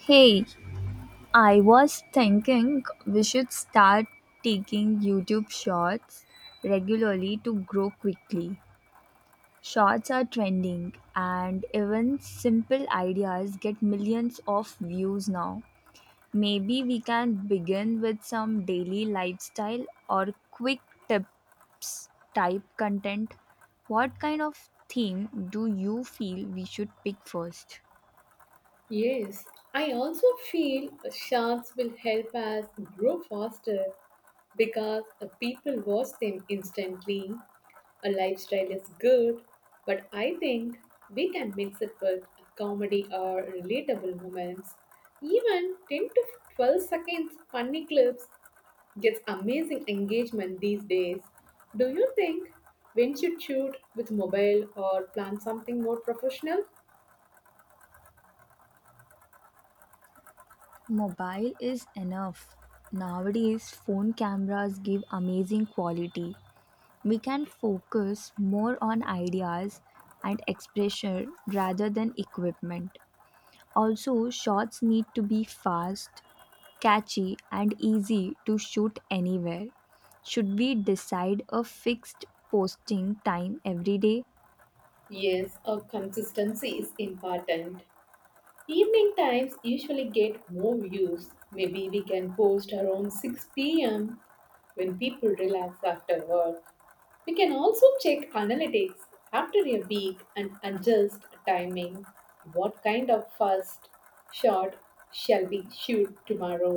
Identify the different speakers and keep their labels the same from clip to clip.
Speaker 1: Hey, I was thinking we should start taking YouTube shorts regularly to grow quickly. Shorts are trending, and even simple ideas get millions of views now. Maybe we can begin with some daily lifestyle or quick tips type content. What kind of theme do you feel we should pick first?
Speaker 2: Yes, I also feel sharks will help us grow faster because people watch them instantly. A lifestyle is good, but I think we can mix it with comedy or relatable moments. Even 10 to 12 seconds funny clips gets amazing engagement these days. Do you think we should shoot with mobile or plan something more professional?
Speaker 1: Mobile is enough. Nowadays, phone cameras give amazing quality. We can focus more on ideas and expression rather than equipment. Also, shots need to be fast, catchy, and easy to shoot anywhere. Should we decide a fixed posting time every day?
Speaker 2: Yes, a consistency is important. Evening times usually get more views. Maybe we can post around 6 p.m. when people relax after work. We can also check analytics after a week and adjust timing. What kind of first shot shall we shoot tomorrow?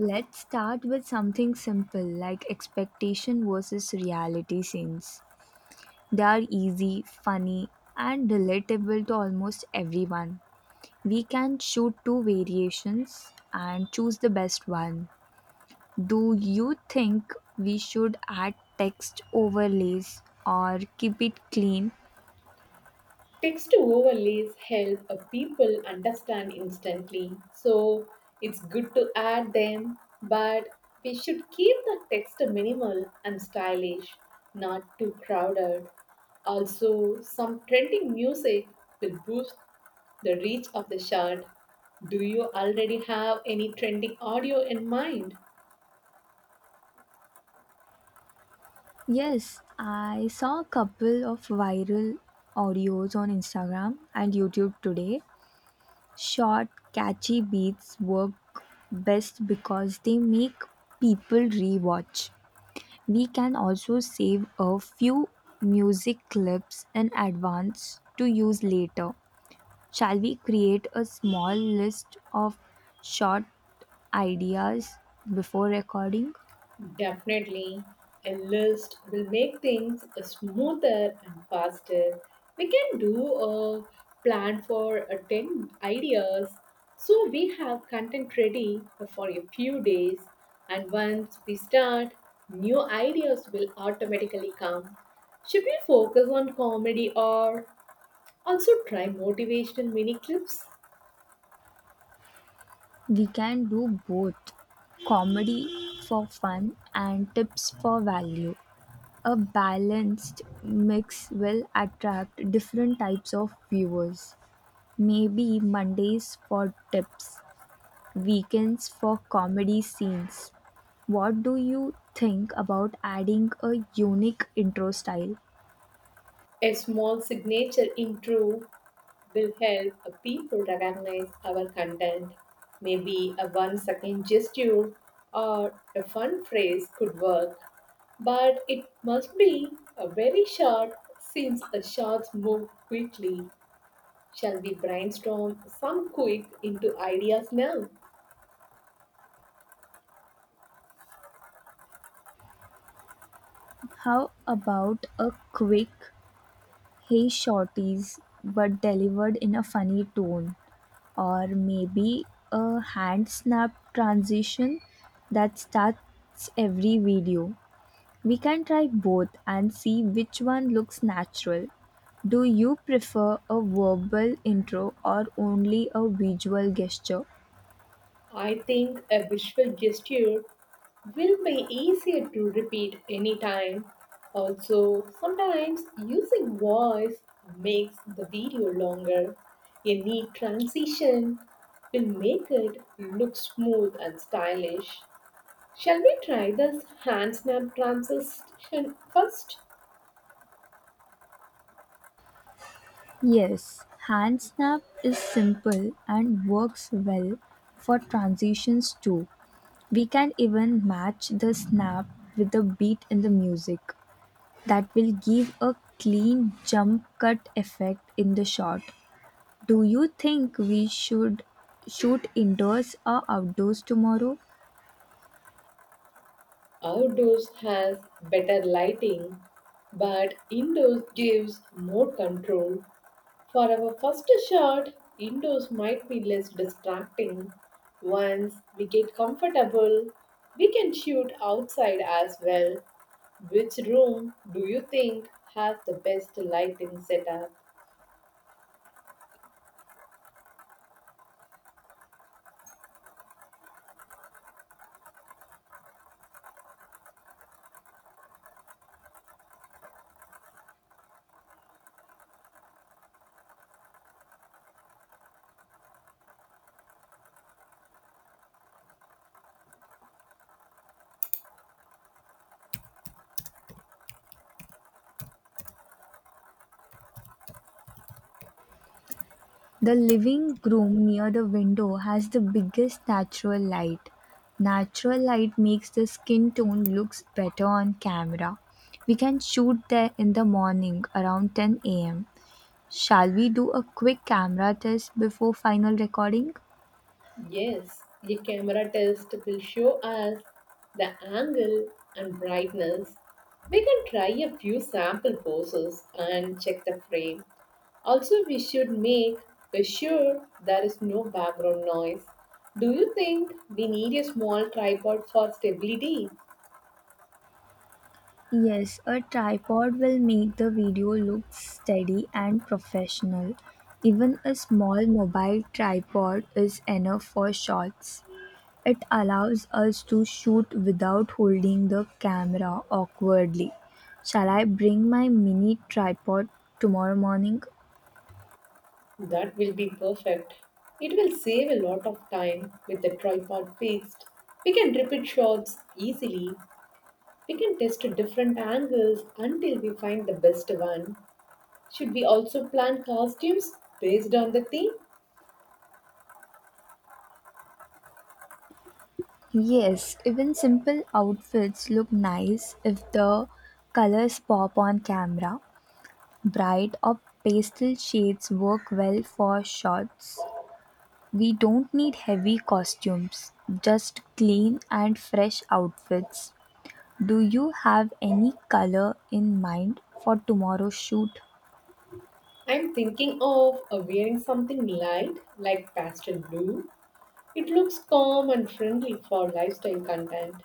Speaker 1: Let's start with something simple like expectation versus reality scenes. They are easy, funny, and relatable to almost everyone. We can shoot two variations and choose the best one. Do you think we should add text overlays or keep it clean?
Speaker 2: Text overlays help a people understand instantly, so it's good to add them, but we should keep the text minimal and stylish, not too crowded. Also, some trending music will boost the reach of the chart. Do you already have any trending audio in mind?
Speaker 1: Yes, I saw a couple of viral audios on Instagram and YouTube today. Short, catchy beats work best because they make people rewatch. We can also save a few music clips in advance to use later. Shall we create a small list of short ideas before recording?
Speaker 2: Definitely, a list will make things smoother and faster. We can do a plan for 10 ideas so we have content ready for a few days, and once we start, new ideas will automatically come. Should we focus on comedy or also try motivational mini clips?
Speaker 1: We can do both comedy for fun and tips for value. A balanced mix will attract different types of viewers. Maybe Mondays for tips, weekends for comedy scenes. What do you think about adding a unique intro style?
Speaker 2: A small signature intro will help people recognize our content. Maybe a 1 second gesture or a fun phrase could work, but it must be a very short since the shots move quickly. Shall we brainstorm some quick into ideas now?
Speaker 1: How about a quick, hey shorties, but delivered in a funny tone? Or maybe a hand snap transition that starts every video? We can try both and see which one looks natural. Do you prefer a verbal intro or only a visual gesture?
Speaker 2: I think a visual gesture will be easier to repeat anytime. Also, sometimes using voice makes the video longer. A neat transition will make it look smooth and stylish. Shall we try this hand snap transition first?
Speaker 1: Yes, hand snap is simple and works well for transitions too. We can even match the snap with the beat in the music. That will give a clean jump cut effect in the shot. Do you think we should shoot indoors or outdoors tomorrow?
Speaker 2: Outdoors has better lighting, but indoors gives more control. For our first shot, indoors might be less distracting. Once we get comfortable, we can shoot outside as well. Which room do you think has the best lighting setup?
Speaker 1: The living room near the window has the biggest natural light. Natural light makes the skin tone looks better on camera. We can shoot there in the morning around 10 a.m. Shall we do a quick camera test before final recording?
Speaker 2: Yes, the camera test will show us the angle and brightness. We can try a few sample poses and check the frame. Also, we should make sure there is no background noise. Do you think we need a small tripod for stability?
Speaker 1: Yes, a tripod will make the video look steady and professional. Even a small mobile tripod is enough for shots. It allows us to shoot without holding the camera awkwardly. Shall I bring my mini tripod tomorrow morning?
Speaker 2: That will be perfect. It will save a lot of time with the tripod fixed. We can repeat shots easily. We can test different angles until we find the best one. Should we also plan costumes based on the theme?
Speaker 1: Yes, even simple outfits look nice if the colors pop on camera. Bright or pastel shades work well for shots. We don't need heavy costumes, just clean and fresh outfits. Do you have any color in mind for tomorrow's shoot?
Speaker 2: I'm thinking of wearing something light like pastel blue. It looks calm and friendly for lifestyle content.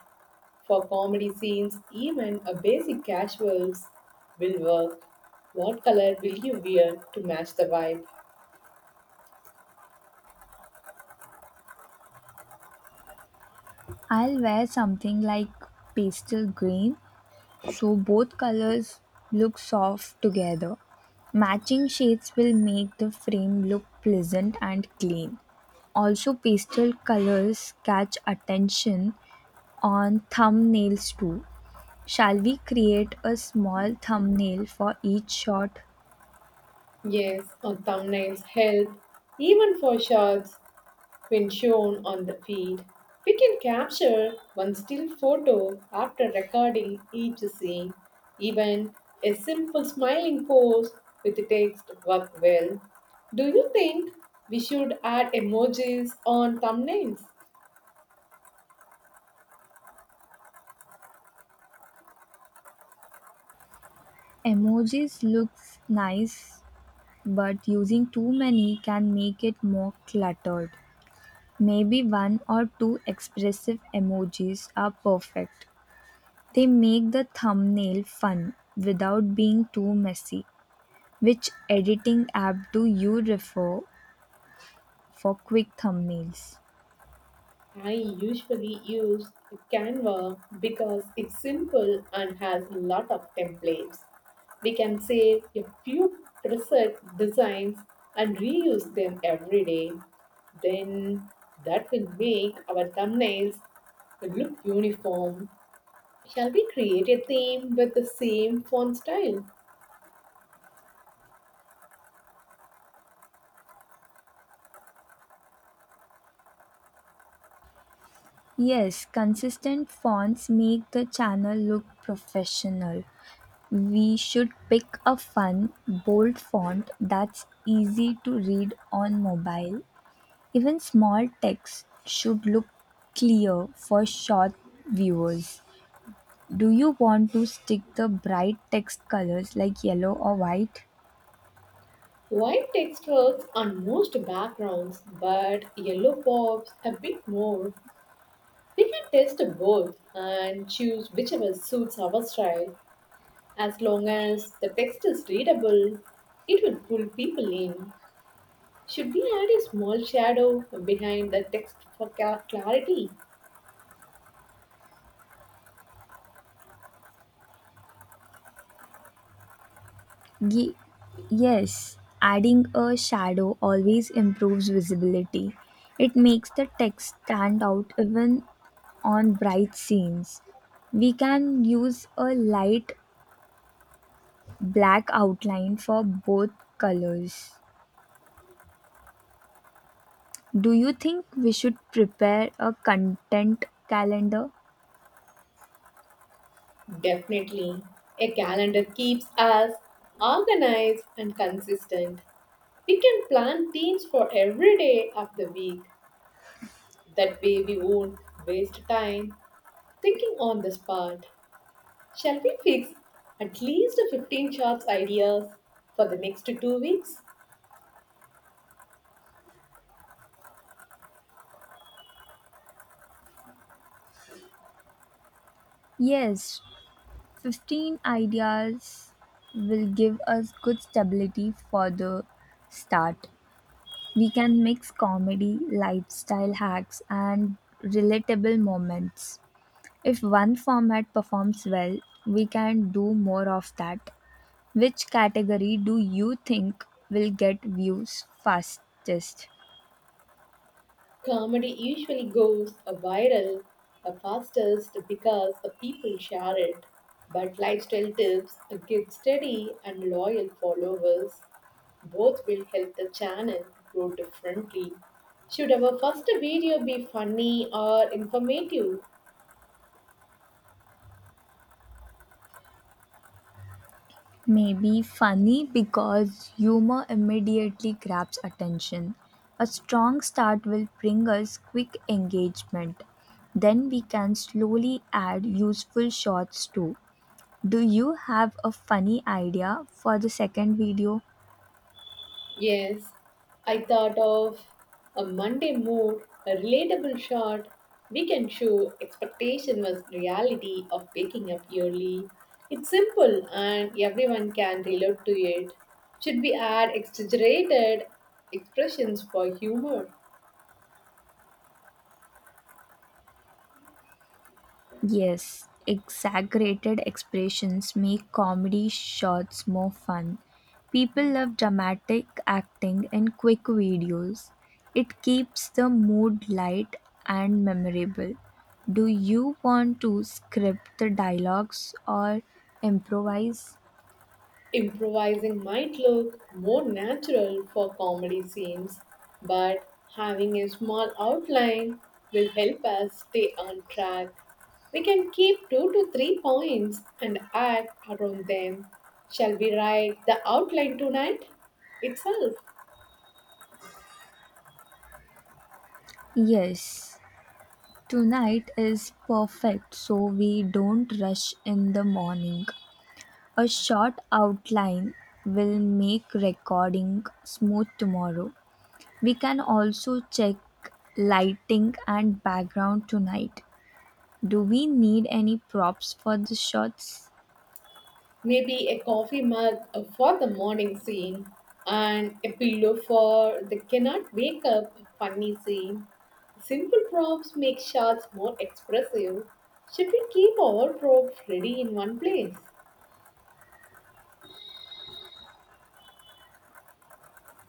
Speaker 2: For comedy scenes, even a basic casuals will work. What color will you wear to match the vibe?
Speaker 1: I'll wear something like pastel green so both colors look soft together. Matching shades will make the frame look pleasant and clean. Also, pastel colors catch attention on thumbnails too. Shall we create a small thumbnail for each shot?
Speaker 2: Yes, or thumbnails help. Even for shots, when shown on the feed, we can capture one still photo after recording each scene. Even a simple smiling pose with text work well. Do you think we should add emojis on thumbnails?
Speaker 1: Emojis looks nice, but using too many can make it more cluttered. Maybe one or two expressive emojis are perfect. They make the thumbnail fun without being too messy. Which editing app do you refer for quick thumbnails?
Speaker 2: I usually use Canva because it's simple and has a lot of templates. We can save a few preset designs and reuse them every day. Then that will make our thumbnails look uniform. Shall we create a theme with the same font style?
Speaker 1: Yes, consistent fonts make the channel look professional. We should pick a fun, bold font that's easy to read on mobile. Even small text should look clear for short viewers. Do you want to stick the bright text colors like yellow or white?
Speaker 2: White text works on most backgrounds, but yellow pops a bit more. We can test both and choose whichever suits our style. As long as the text is readable, it will pull people in. Should we add a small shadow behind the text for clarity?
Speaker 1: Ye- yes, adding a shadow always improves visibility. It makes the text stand out even on bright scenes. We can use a light black outline for both colors. Do you think we should prepare a content calendar?
Speaker 2: Definitely. A calendar keeps us organized and consistent. We can plan themes for every day of the week. That way, we won't waste time thinking on the spot. Shall we fix at least 15 shots ideas for the next 2 weeks?
Speaker 1: Yes, 15 ideas will give us good stability for the start. We can mix comedy, lifestyle hacks, and relatable moments. If one format performs well, we can do more of that. Which category do you think will get views fastest?
Speaker 2: Comedy usually goes a viral the fastest because the people share it. But lifestyle tips get steady and loyal followers. Both will help the channel grow differently. Should our first video be funny or informative?
Speaker 1: Maybe funny because humor immediately grabs attention. A strong start will bring us quick engagement. Then we can slowly add useful shots too. Do you have a funny idea for the second video?
Speaker 2: Yes, I thought of a Monday mood, a relatable shot. We can show expectation was reality of waking up early. It's simple and everyone can relate to it. Should we add exaggerated expressions for humor?
Speaker 1: Yes, exaggerated expressions make comedy shots more fun. People love dramatic acting in quick videos. It keeps the mood light and memorable. Do you want to script the dialogues or improvise?
Speaker 2: Improvising might look more natural for comedy scenes, but having a small outline will help us stay on track. We can keep 2 to 3 points and act around them. Shall we write the outline tonight itself?
Speaker 1: Yes, tonight is perfect so we don't rush in the morning. A short outline will make recording smooth tomorrow. We can also check lighting and background tonight. Do we need any props for the shots?
Speaker 2: Maybe a coffee mug for the morning scene, and a pillow for the cannot wake up funny scene. Simple props make shots more expressive. Should we keep all props ready in one place?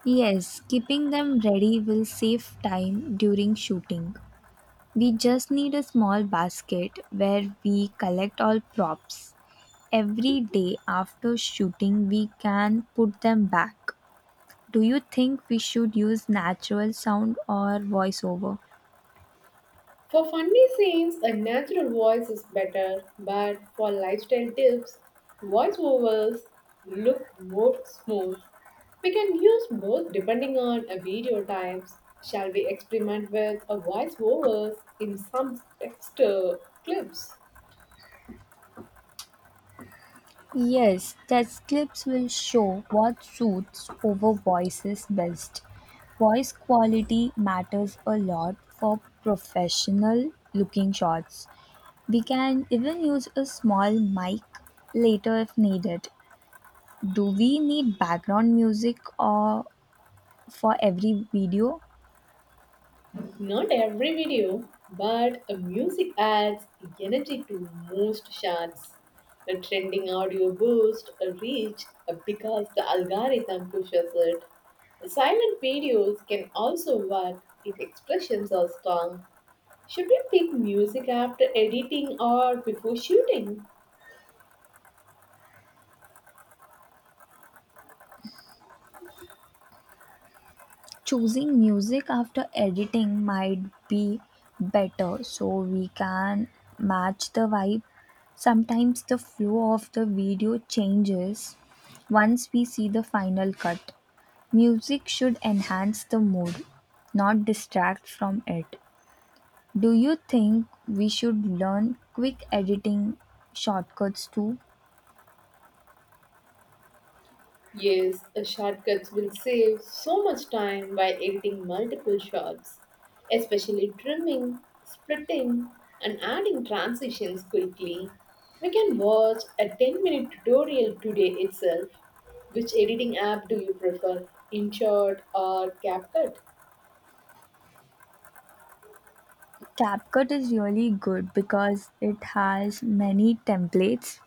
Speaker 1: Yes, keeping them ready will save time during shooting. We just need a small basket where we collect all props. Every day after shooting, we can put them back. Do you think we should use natural sound or voiceover?
Speaker 2: For funny scenes, a natural voice is better, but for lifestyle tips, voiceovers look more smooth. We can use both depending on a video types. Shall we experiment with a voiceovers in some text clips?
Speaker 1: Yes, test clips will show what suits over voices best. Voice quality matters a lot for professional looking shots. We can even use a small mic later if needed. Do we need background music or for every video?
Speaker 2: Not every video, but a music adds energy to most shots. A trending audio boost a reach because the algorithm pushes it. Silent videos can also work if expressions are strong. Should we pick music after editing or before shooting?
Speaker 1: Choosing music after editing might be better so we can match the vibe. Sometimes the flow of the video changes once we see the final cut. Music should enhance the mood, not distract from it. Do you think we should learn quick editing shortcuts too?
Speaker 2: Yes, the shortcuts will save so much time while editing multiple shots, especially trimming, splitting, and adding transitions quickly. We can watch a 10-minute tutorial today itself. Which editing app do you prefer, InShot or CapCut?
Speaker 1: CapCut is really good because it has many templates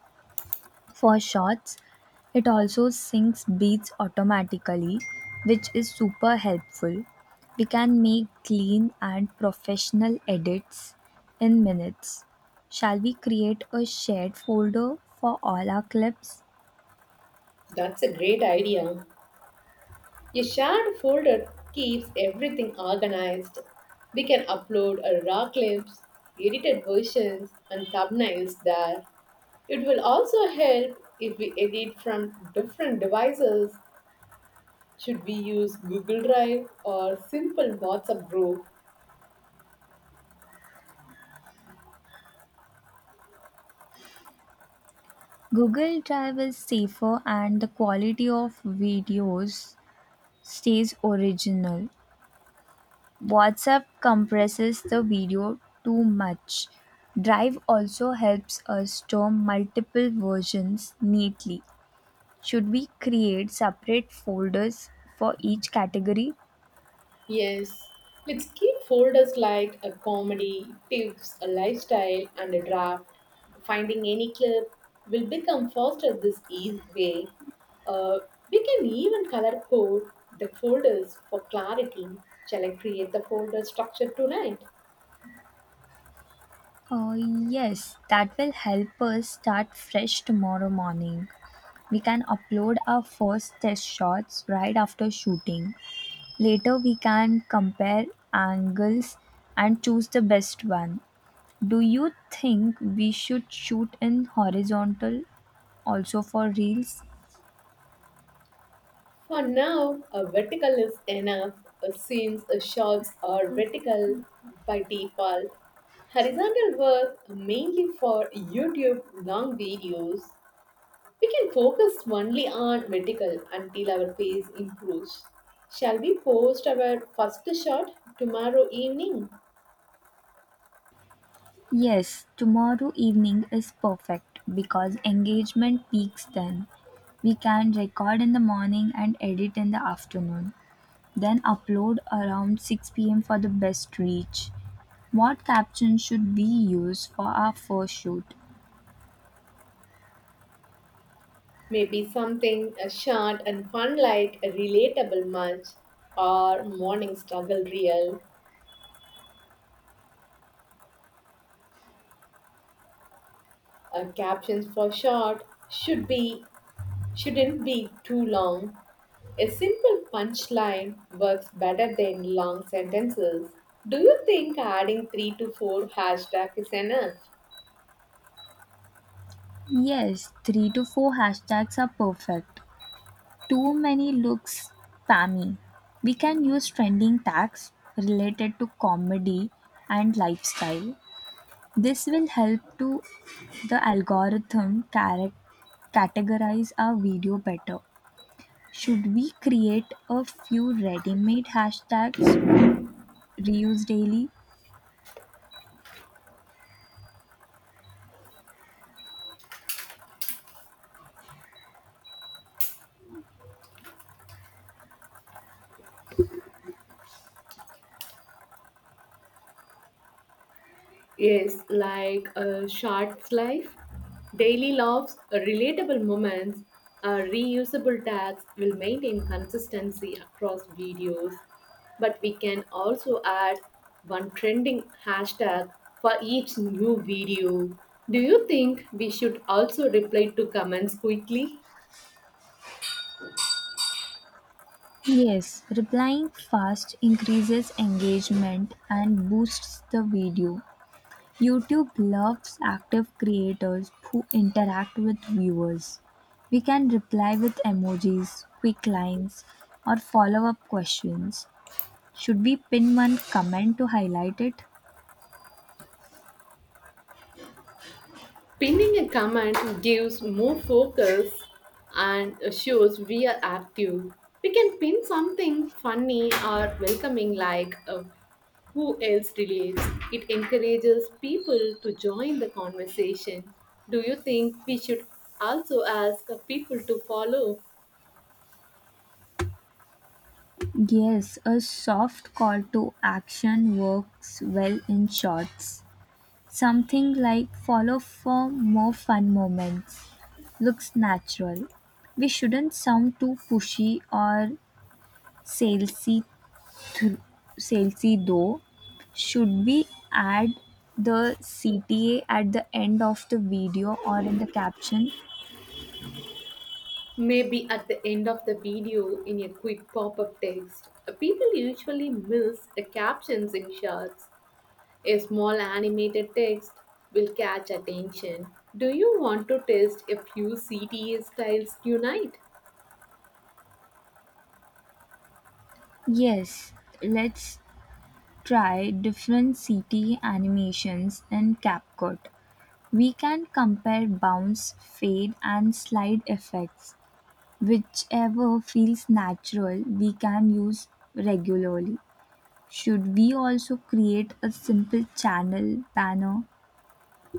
Speaker 1: for shots. It also syncs beats automatically, which is super helpful. We can make clean and professional edits in minutes. Shall we create a shared folder for all our clips?
Speaker 2: That's a great idea. A shared folder keeps everything organized. We can upload our raw clips, edited versions, and thumbnails there. It will also help if we edit from different devices. Should we use Google Drive or simple WhatsApp group?
Speaker 1: Google Drive is safer and the quality of videos stays original. WhatsApp compresses the video too much. Drive also helps us store multiple versions neatly. Should we create separate folders for each category?
Speaker 2: Yes, let's keep folders like a comedy, tips, a lifestyle, and a draft. Finding any clip will become faster this easy way. Uh, we can even color code the folders for clarity. Shall I create the folder structure tonight?
Speaker 1: Yes, that will help us start fresh tomorrow morning. We can upload our first test shots right after shooting. Later, we can compare angles and choose the best one. Do you think we should shoot in horizontal also for reels?
Speaker 2: For now, a vertical is enough. A seams, a shots are vertical by default. Horizontal work mainly for YouTube long videos. We can focus only on medical until our pace improves. Shall we post our first shot tomorrow evening?
Speaker 1: Yes, tomorrow evening is perfect because engagement peaks then. We can record in the morning and edit in the afternoon, then upload around 6 p.m. for the best reach. What caption should we use for our first shoot?
Speaker 2: Maybe something short and fun like a relatable munch or morning struggle reel. Captions for short should be shouldn't be too long. A simple punchline works better than long sentences. Do you think adding 3 to 4 hashtags is enough?
Speaker 1: Yes, 3 to 4 hashtags are perfect. Too many looks spammy. We can use trending tags related to comedy and lifestyle. This will help to the algorithm categorize our video better. Should we create a few ready-made hashtags reused daily?
Speaker 2: Yes, like a short life, daily loves, relatable moments, reusable tags will maintain consistency across videos. But we can also add one trending hashtag for each new video. Do you think we should also reply to comments quickly?
Speaker 1: Yes, replying fast increases engagement and boosts the video. YouTube loves active creators who interact with viewers. We can reply with emojis, quick lines, or follow up questions. Should we pin one comment to highlight it?
Speaker 2: Pinning a comment gives more focus and shows we are active. We can pin something funny or welcoming like who else relates. It encourages people to join the conversation. Do you think we should also ask people to follow?
Speaker 1: Yes, a soft call to action works well in shorts. Something like follow for more fun moments looks natural. We shouldn't sound too pushy or salesy th- Chelsea though, should we add the CTA at the end of the video or in the caption?
Speaker 2: Maybe at the end of the video in a quick pop up text. People usually miss the captions in shots. A small animated text will catch attention. Do you want to test a few CTA styles tonight?
Speaker 1: Yes, let's try different CTA animations in CapCut. We can compare bounce, fade, and slide effects. Whichever feels natural, we can use regularly. Should we also create a simple channel banner?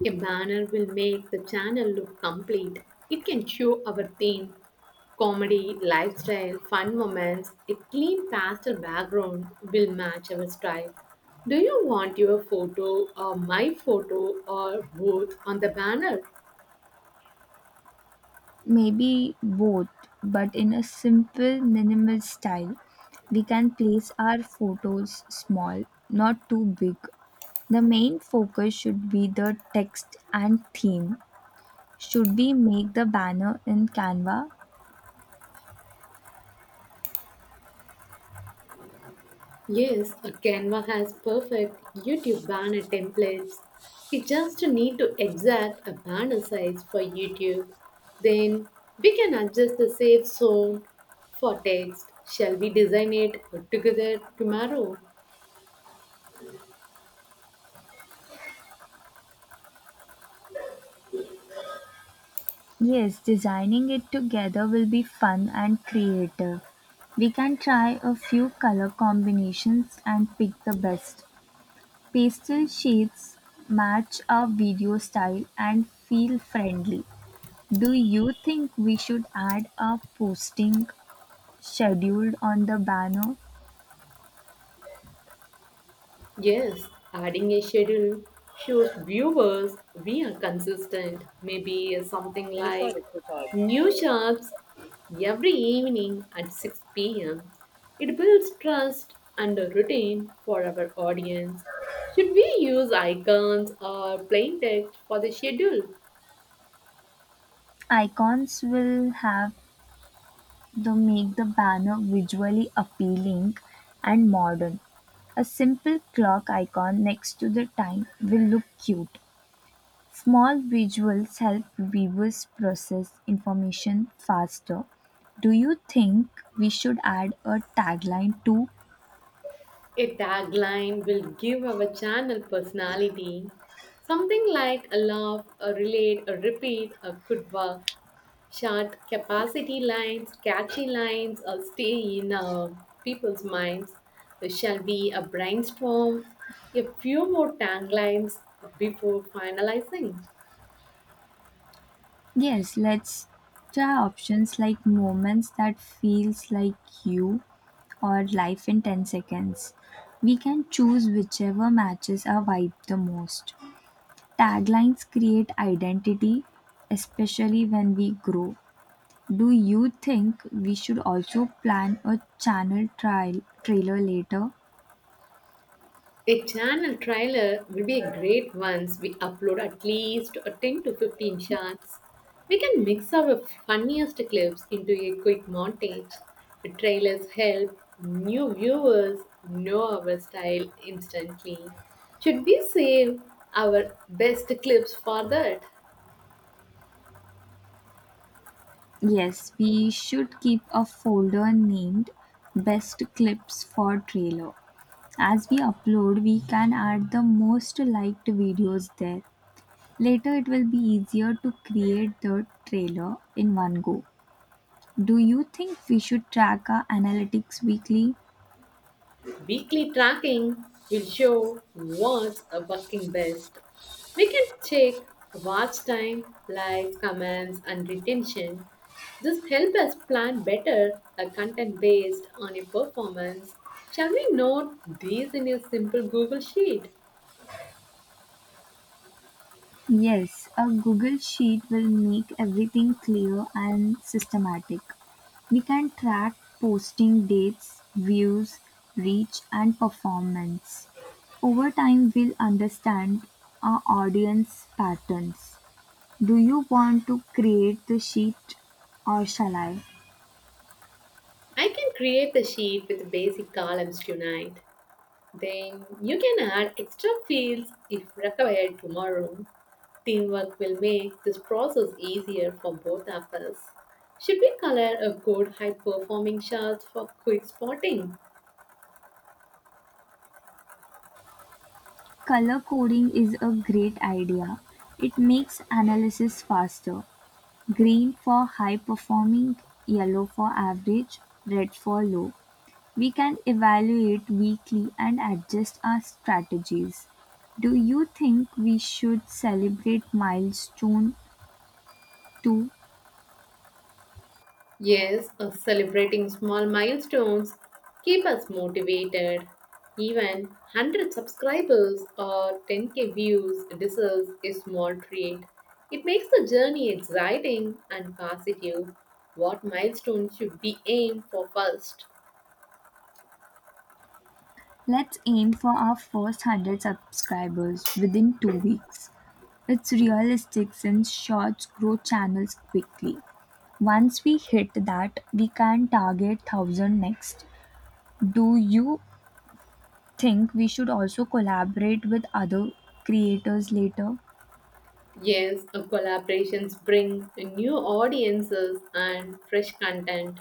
Speaker 2: A banner will make the channel look complete. It can show our theme, comedy, lifestyle, fun moments. A clean pastel background will match our style. Do you want your photo or my photo or both on the banner?
Speaker 1: Maybe both, but in a simple, minimal style. We can place our photos small, not too big. The main focus should be the text and theme. Should we make the banner in Canva?
Speaker 2: Yes, a Canva has perfect YouTube banner templates. We just need to exact a banner size for YouTube. Then we can adjust the safe zone for text. Shall we design it together tomorrow?
Speaker 1: Yes, designing it together will be fun and creative. We can try a few color combinations and pick the best. Pastel shades match our video style and feel friendly. Do you think we should add a posting scheduled on the banner?
Speaker 2: Yes, adding a schedule shows viewers we are consistent. Maybe something like new shops every evening at 6 pm. It builds trust and a routine for our audience. Should we use icons or plain text for the schedule?
Speaker 1: Icons will have to make the banner visually appealing and modern. A simple clock icon next to the time will look cute. Small visuals help viewers process information faster. Do you think we should add a tagline too?
Speaker 2: A tagline will give our channel personality. Something like a love, a relate, a repeat, a good work. Short capacity lines, catchy lines, or stay in people's minds. There shall be a brainstorm, a few more taglines before finalizing.
Speaker 1: Yes, let's try options like moments that feels like you or life in 10 seconds. We can choose whichever matches our vibe the most. Taglines create identity, especially when we grow. Do you think we should also plan a channel trial trailer later?
Speaker 2: A channel trailer will be a great once we upload at least a 10 to 15 shots. We can mix our funniest clips into a quick montage. The trailers help new viewers know our style instantly. Should we save our best clips for that?
Speaker 1: Yes, we should keep a folder named best clips for trailer. As we upload, we can add the most liked videos there. Later, it will be easier to create the trailer in one go. Do you think we should track our analytics weekly?
Speaker 2: Weekly tracking will show what's working best. We can check watch time, likes, comments, and retention. This helps us plan better a content based on a performance. Shall we note these in a simple Google sheet?
Speaker 1: Yes, a Google Sheet will make everything clear and systematic. We can track posting dates, views, reach, and performance. Over time, we'll understand our audience patterns. Do you want to create the sheet or shall I?
Speaker 2: I can create the sheet with basic columns tonight. Then you can add extra fields if required tomorrow. Teamwork will make this process easier for both of us. Should we color a good high performing chart for quick spotting?
Speaker 1: Color coding is a great idea. It makes analysis faster. Green for high performing, yellow for average, red for low. We can evaluate weekly and adjust our strategies. Do you think we should celebrate milestone too?
Speaker 2: Yes, celebrating small milestones keep us motivated. Even 100 subscribers or 10k views deserves a small treat. It makes the journey exciting and positive. What milestone should we aim for first?
Speaker 1: Let's aim for our first 100 subscribers within 2 weeks. It's realistic since shorts grow channels quickly. Once we hit that, we can target 1000 next. Do you think we should also collaborate with other creators later?
Speaker 2: Yes, collaborations bring new audiences and fresh content.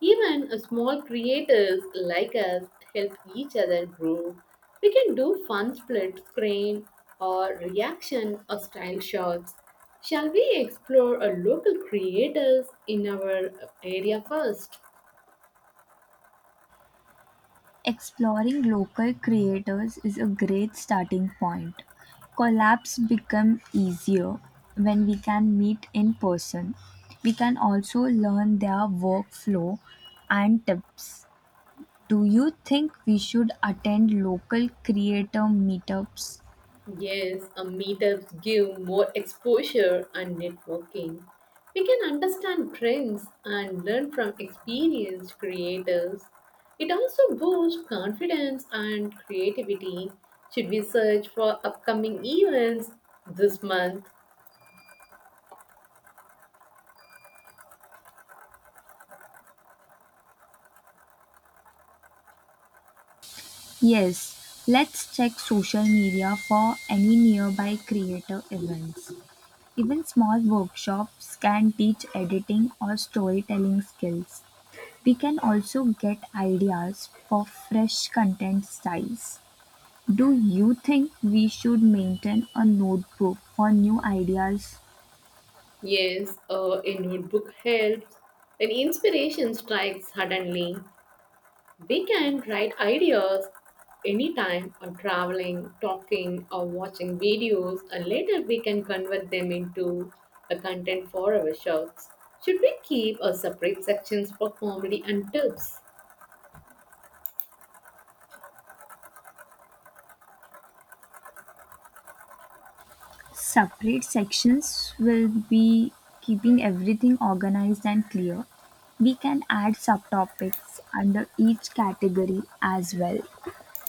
Speaker 2: Even small creators like us help each other grow. We can do fun split screen or reaction or style shots. Shall we explore a local creators in our area first?
Speaker 1: Exploring local creators is a great starting point. Collabs become easier when we can meet in person. We can also learn their workflow and tips. Do you think we should attend local creator meetups?
Speaker 2: Yes, a meetups give more exposure and networking. We can understand trends and learn from experienced creators. It also boosts confidence and creativity. Should we search for upcoming events this month?
Speaker 1: Yes, let's check social media for any nearby creator events. Even small workshops can teach editing or storytelling skills. We can also get ideas for fresh content styles. Do you think we should maintain a notebook for new ideas?
Speaker 2: Yes, a notebook helps when inspiration strikes suddenly. We can write ideas anytime or traveling, talking, or watching videos, and later we can convert them into a content for our shows. Should we keep a separate sections for comedy and tips?
Speaker 1: Separate sections will be keeping everything organized and clear. We can add subtopics under each category as well.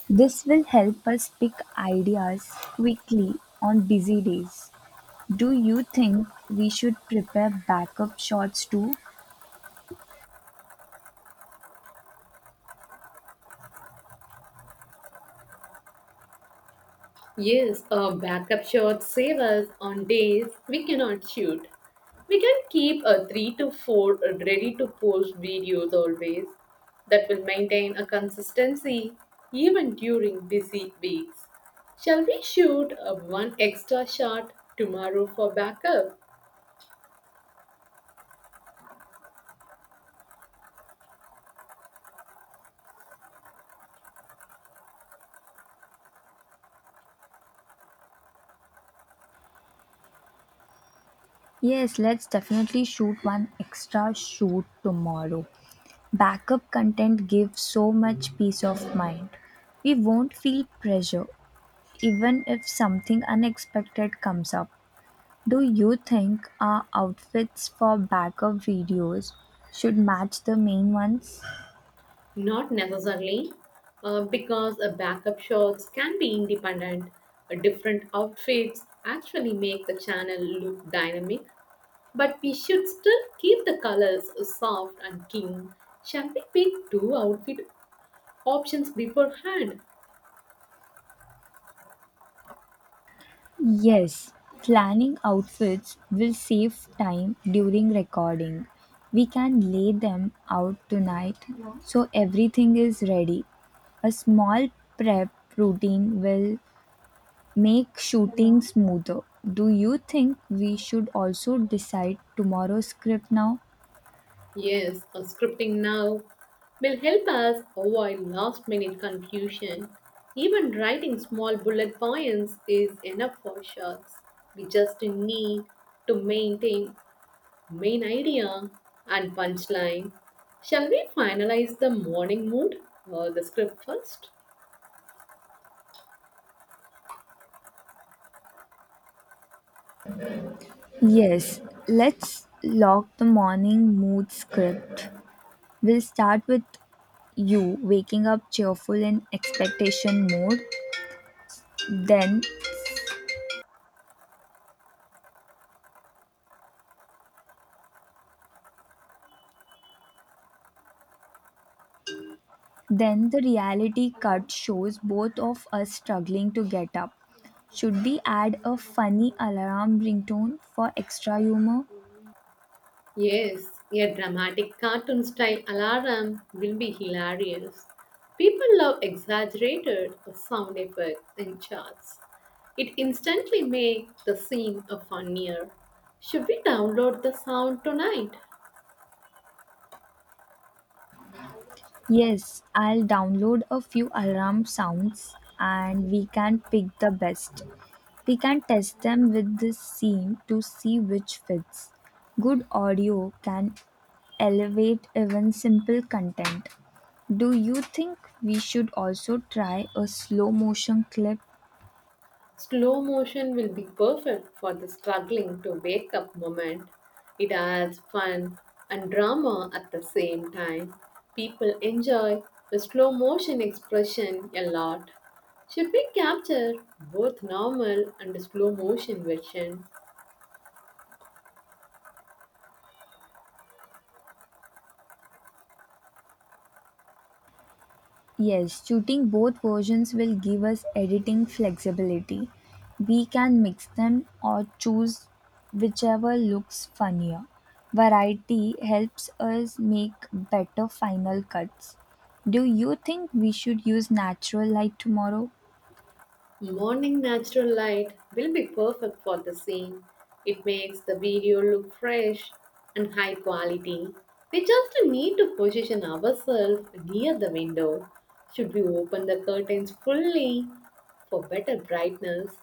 Speaker 1: This will help us pick ideas quickly on busy days. Do you think we should prepare backup shots too?
Speaker 2: Yes, a backup shot save us on days we cannot shoot. We can keep a 3 to 4 ready to post videos always. That will maintain a consistency even during busy weeks. Shall we shoot a one extra shot tomorrow for backup?
Speaker 1: Yes, let's definitely shoot one extra shoot tomorrow. Backup content gives so much peace of mind. We won't feel pressure even if something unexpected comes up. Do you think our outfits for backup videos should match the main ones?
Speaker 2: Not necessarily, because a backup shots can be independent. Different outfits actually make the channel look dynamic. But we should still keep the colors soft and keen. Shall we pick two outfit options beforehand?
Speaker 1: Yes, planning outfits will save time during recording. We can lay them out tonight so everything is ready. A small prep routine will make shooting smoother. Do you think we should also decide tomorrow's script now?
Speaker 2: Yes, a scripting now will help us avoid last minute confusion. Even writing small bullet points is enough for shots. We just need to maintain main idea and punchline. Shall we finalize the morning mood or the script first?
Speaker 1: Yes, let's lock the morning mood script. We'll start with you waking up cheerful in expectation mode, then Then the reality cut shows both of us struggling to get up. Should we add a funny alarm ringtone for extra humor?
Speaker 2: Yes, a dramatic cartoon style alarm will be hilarious. People love exaggerated sound effects and charts. It instantly makes the scene a funnier. Should we download the sound tonight?
Speaker 1: Yes, I'll download a few alarm sounds and we can pick the best. We can test them with this scene to see which fits. Good audio can elevate even simple content. Do you think we should also try a slow motion clip?
Speaker 2: Slow motion will be perfect for the struggling to wake up moment. It adds fun and drama at the same time. People enjoy the slow motion expression a lot. Should we capture both normal and slow motion version?
Speaker 1: Yes, shooting both versions will give us editing flexibility. We can mix them or choose whichever looks funnier. Variety helps us make better final cuts. Do you think we should use natural light tomorrow?
Speaker 2: Morning natural light will be perfect for the scene. It makes the video look fresh and high quality. We just need to position ourselves near the window. Should we open the curtains fully for better brightness?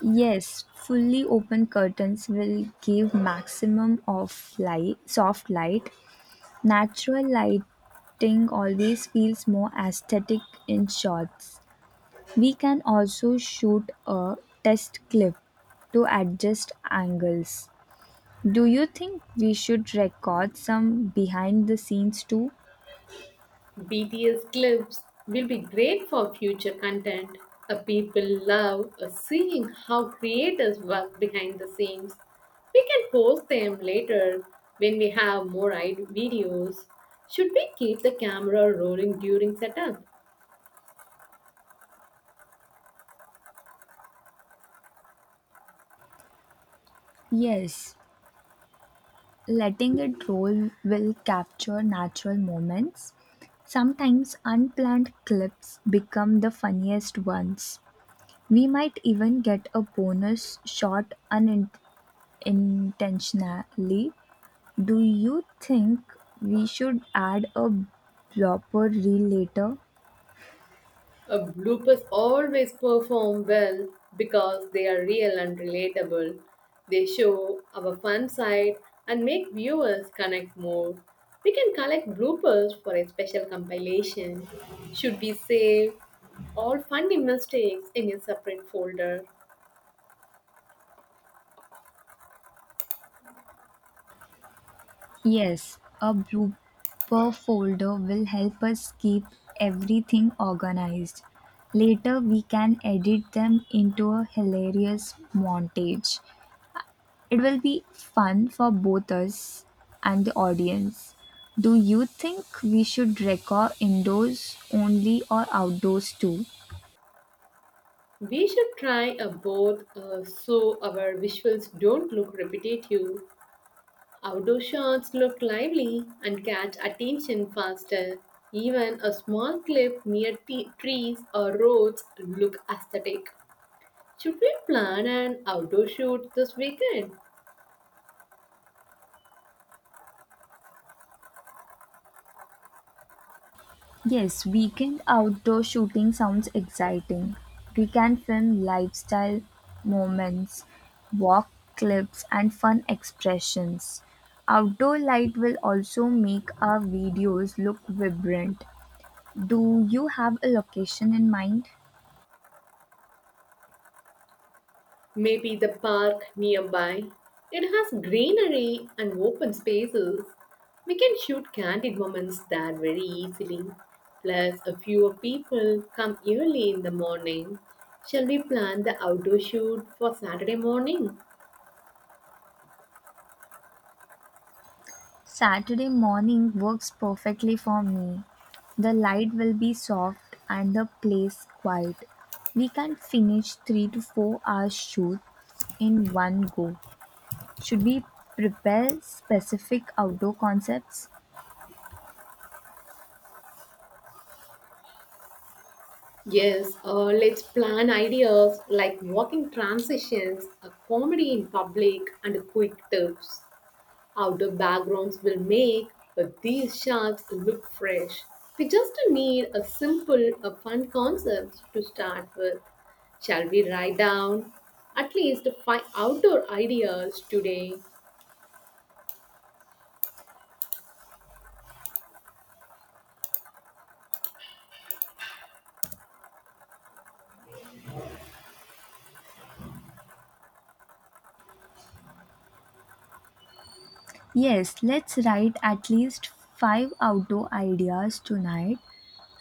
Speaker 1: Yes, fully open curtains will give maximum of light, soft light. Natural lighting always feels more aesthetic in shots. We can also shoot a test clip to adjust angles. Do you think we should record some behind the scenes too?
Speaker 2: BTS clips will be great for future content. People love seeing how creators work behind the scenes. We can post them later when we have more videos. Should we keep the camera rolling during setup?
Speaker 1: Yes, letting it roll will capture natural moments. Sometimes unplanned clips become the funniest ones. We might even get a bonus shot unintentionally. Do you think we should add a blooper reel later?
Speaker 2: Bloopers always perform well because they are real and relatable. They show our fun side and make viewers connect more. We can collect bloopers for a special compilation. Should we save all funny mistakes in a separate folder?
Speaker 1: Yes, a blooper folder will help us keep everything organized. Later, we can edit them into a hilarious montage. It will be fun for both us and the audience. Do you think we should record indoors only or outdoors too?
Speaker 2: We should try a both so our visuals don't look repetitive. Outdoor shots look lively and catch attention faster. Even a small cliff near trees or roads look aesthetic. Should we plan an outdoor shoot this weekend?
Speaker 1: Yes, weekend outdoor shooting sounds exciting. We can film lifestyle moments, walk clips, and fun expressions. Outdoor light will also make our videos look vibrant. Do you have a location in mind?
Speaker 2: Maybe the park nearby. It has greenery and open spaces. We can shoot candid moments there very easily. Plus, a few people come early in the morning. Shall we plan the outdoor shoot for Saturday morning?
Speaker 1: Saturday morning works perfectly for me. The light will be soft and the place quiet. We can finish 3 to 4 hours shoots in one go. Should we prepare specific outdoor concepts?
Speaker 2: Yes, let's plan ideas like walking transitions, a comedy in public, and quick tips. Outdoor backgrounds will make these shots look fresh. We just need a simple, a fun concept to start with. Shall we write down at least 5 outdoor ideas today?
Speaker 1: Yes, let's write at least 5 outdoor ideas tonight.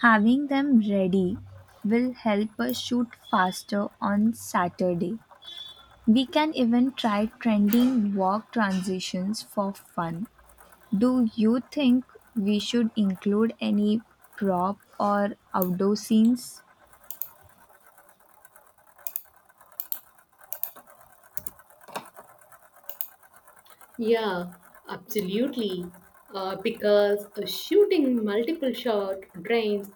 Speaker 1: Having them ready will help us shoot faster on Saturday. We can even try trending walk transitions for fun. Do you think we should include any prop or outdoor scenes?
Speaker 2: Yeah, absolutely. Because shooting multiple shot drains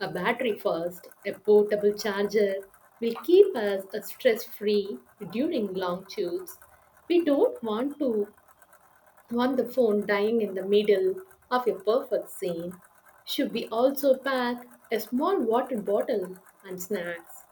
Speaker 2: a battery first. A portable charger will keep us stress-free during long shoots. We don't want to want the phone dying in the middle of a perfect scene. Should we also pack a small water bottle and snacks?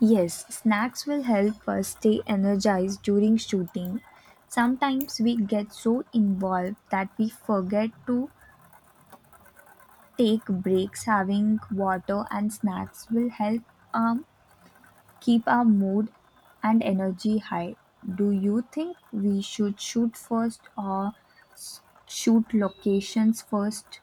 Speaker 1: Yes, snacks will help us stay energized during shooting. Sometimes we get so involved that we forget to take breaks. Having water and snacks will help um, keep our mood and energy high. Do you think we should shoot first or shoot locations first?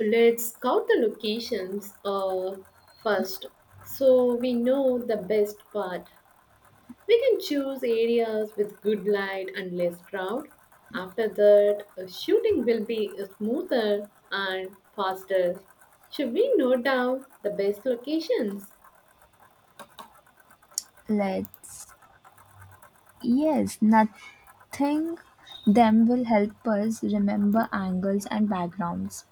Speaker 2: Let's count the locations first so we know the best part. We can choose areas with good light and less crowd. After that, shooting will be smoother and faster. Should we note down the best locations?
Speaker 1: Let's. Yes, nothing them will help us remember angles and backgrounds.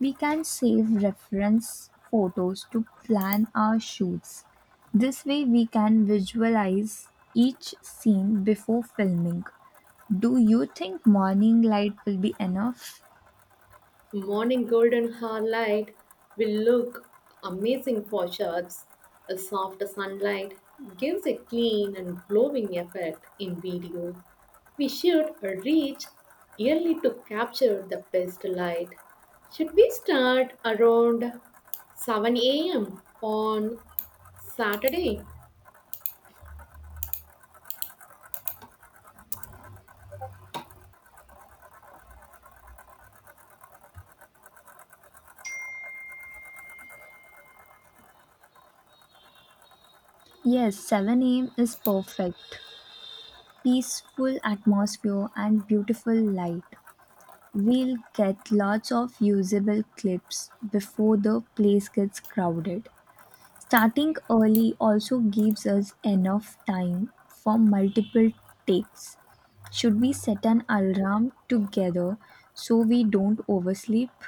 Speaker 1: We can save reference photos to plan our shoots. This way, we can visualize each scene before filming. Do you think morning light will be enough?
Speaker 2: Morning golden light will look amazing for shirts. A soft sunlight gives a clean and glowing effect in video. We should reach early to capture the best light. Should we start around 7 a.m. on Saturday?
Speaker 1: Yes, 7 a.m. is perfect. Peaceful atmosphere and beautiful light. We'll get lots of usable clips before the place gets crowded. Starting early also gives us enough time for multiple takes. Should we set an alarm together so we don't oversleep?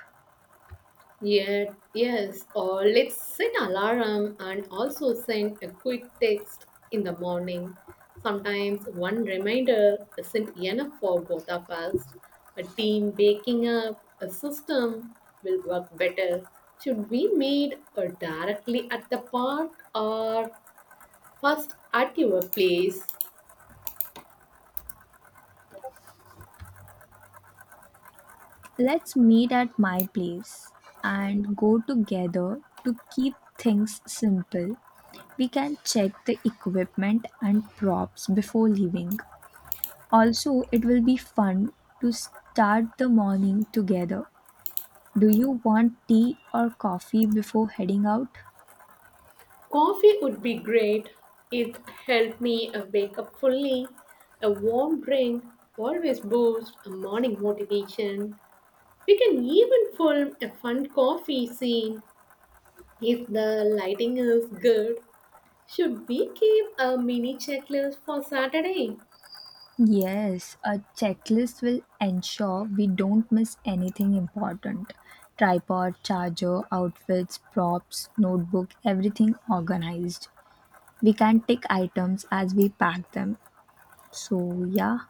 Speaker 2: Yes, or let's set alarm and also send a quick text in the morning. Sometimes one reminder isn't enough for both of us. A team waking up a system will work better. Should we meet directly at the park or first at your place?
Speaker 1: Let's meet at my place and go together to keep things simple. We can check the equipment and props before leaving. Also, it will be fun to start the morning together. Do you want tea or coffee before heading out?
Speaker 2: Coffee would be great. It helped me wake up fully. A warm drink always boosts a morning motivation. We can even film a fun coffee scene if the lighting is good. Should we keep a mini checklist for Saturday?
Speaker 1: Yes, a checklist will ensure we don't miss anything important. Tripod, charger, outfits, props, notebook, everything organized. We can tick items as we pack them. So, yeah,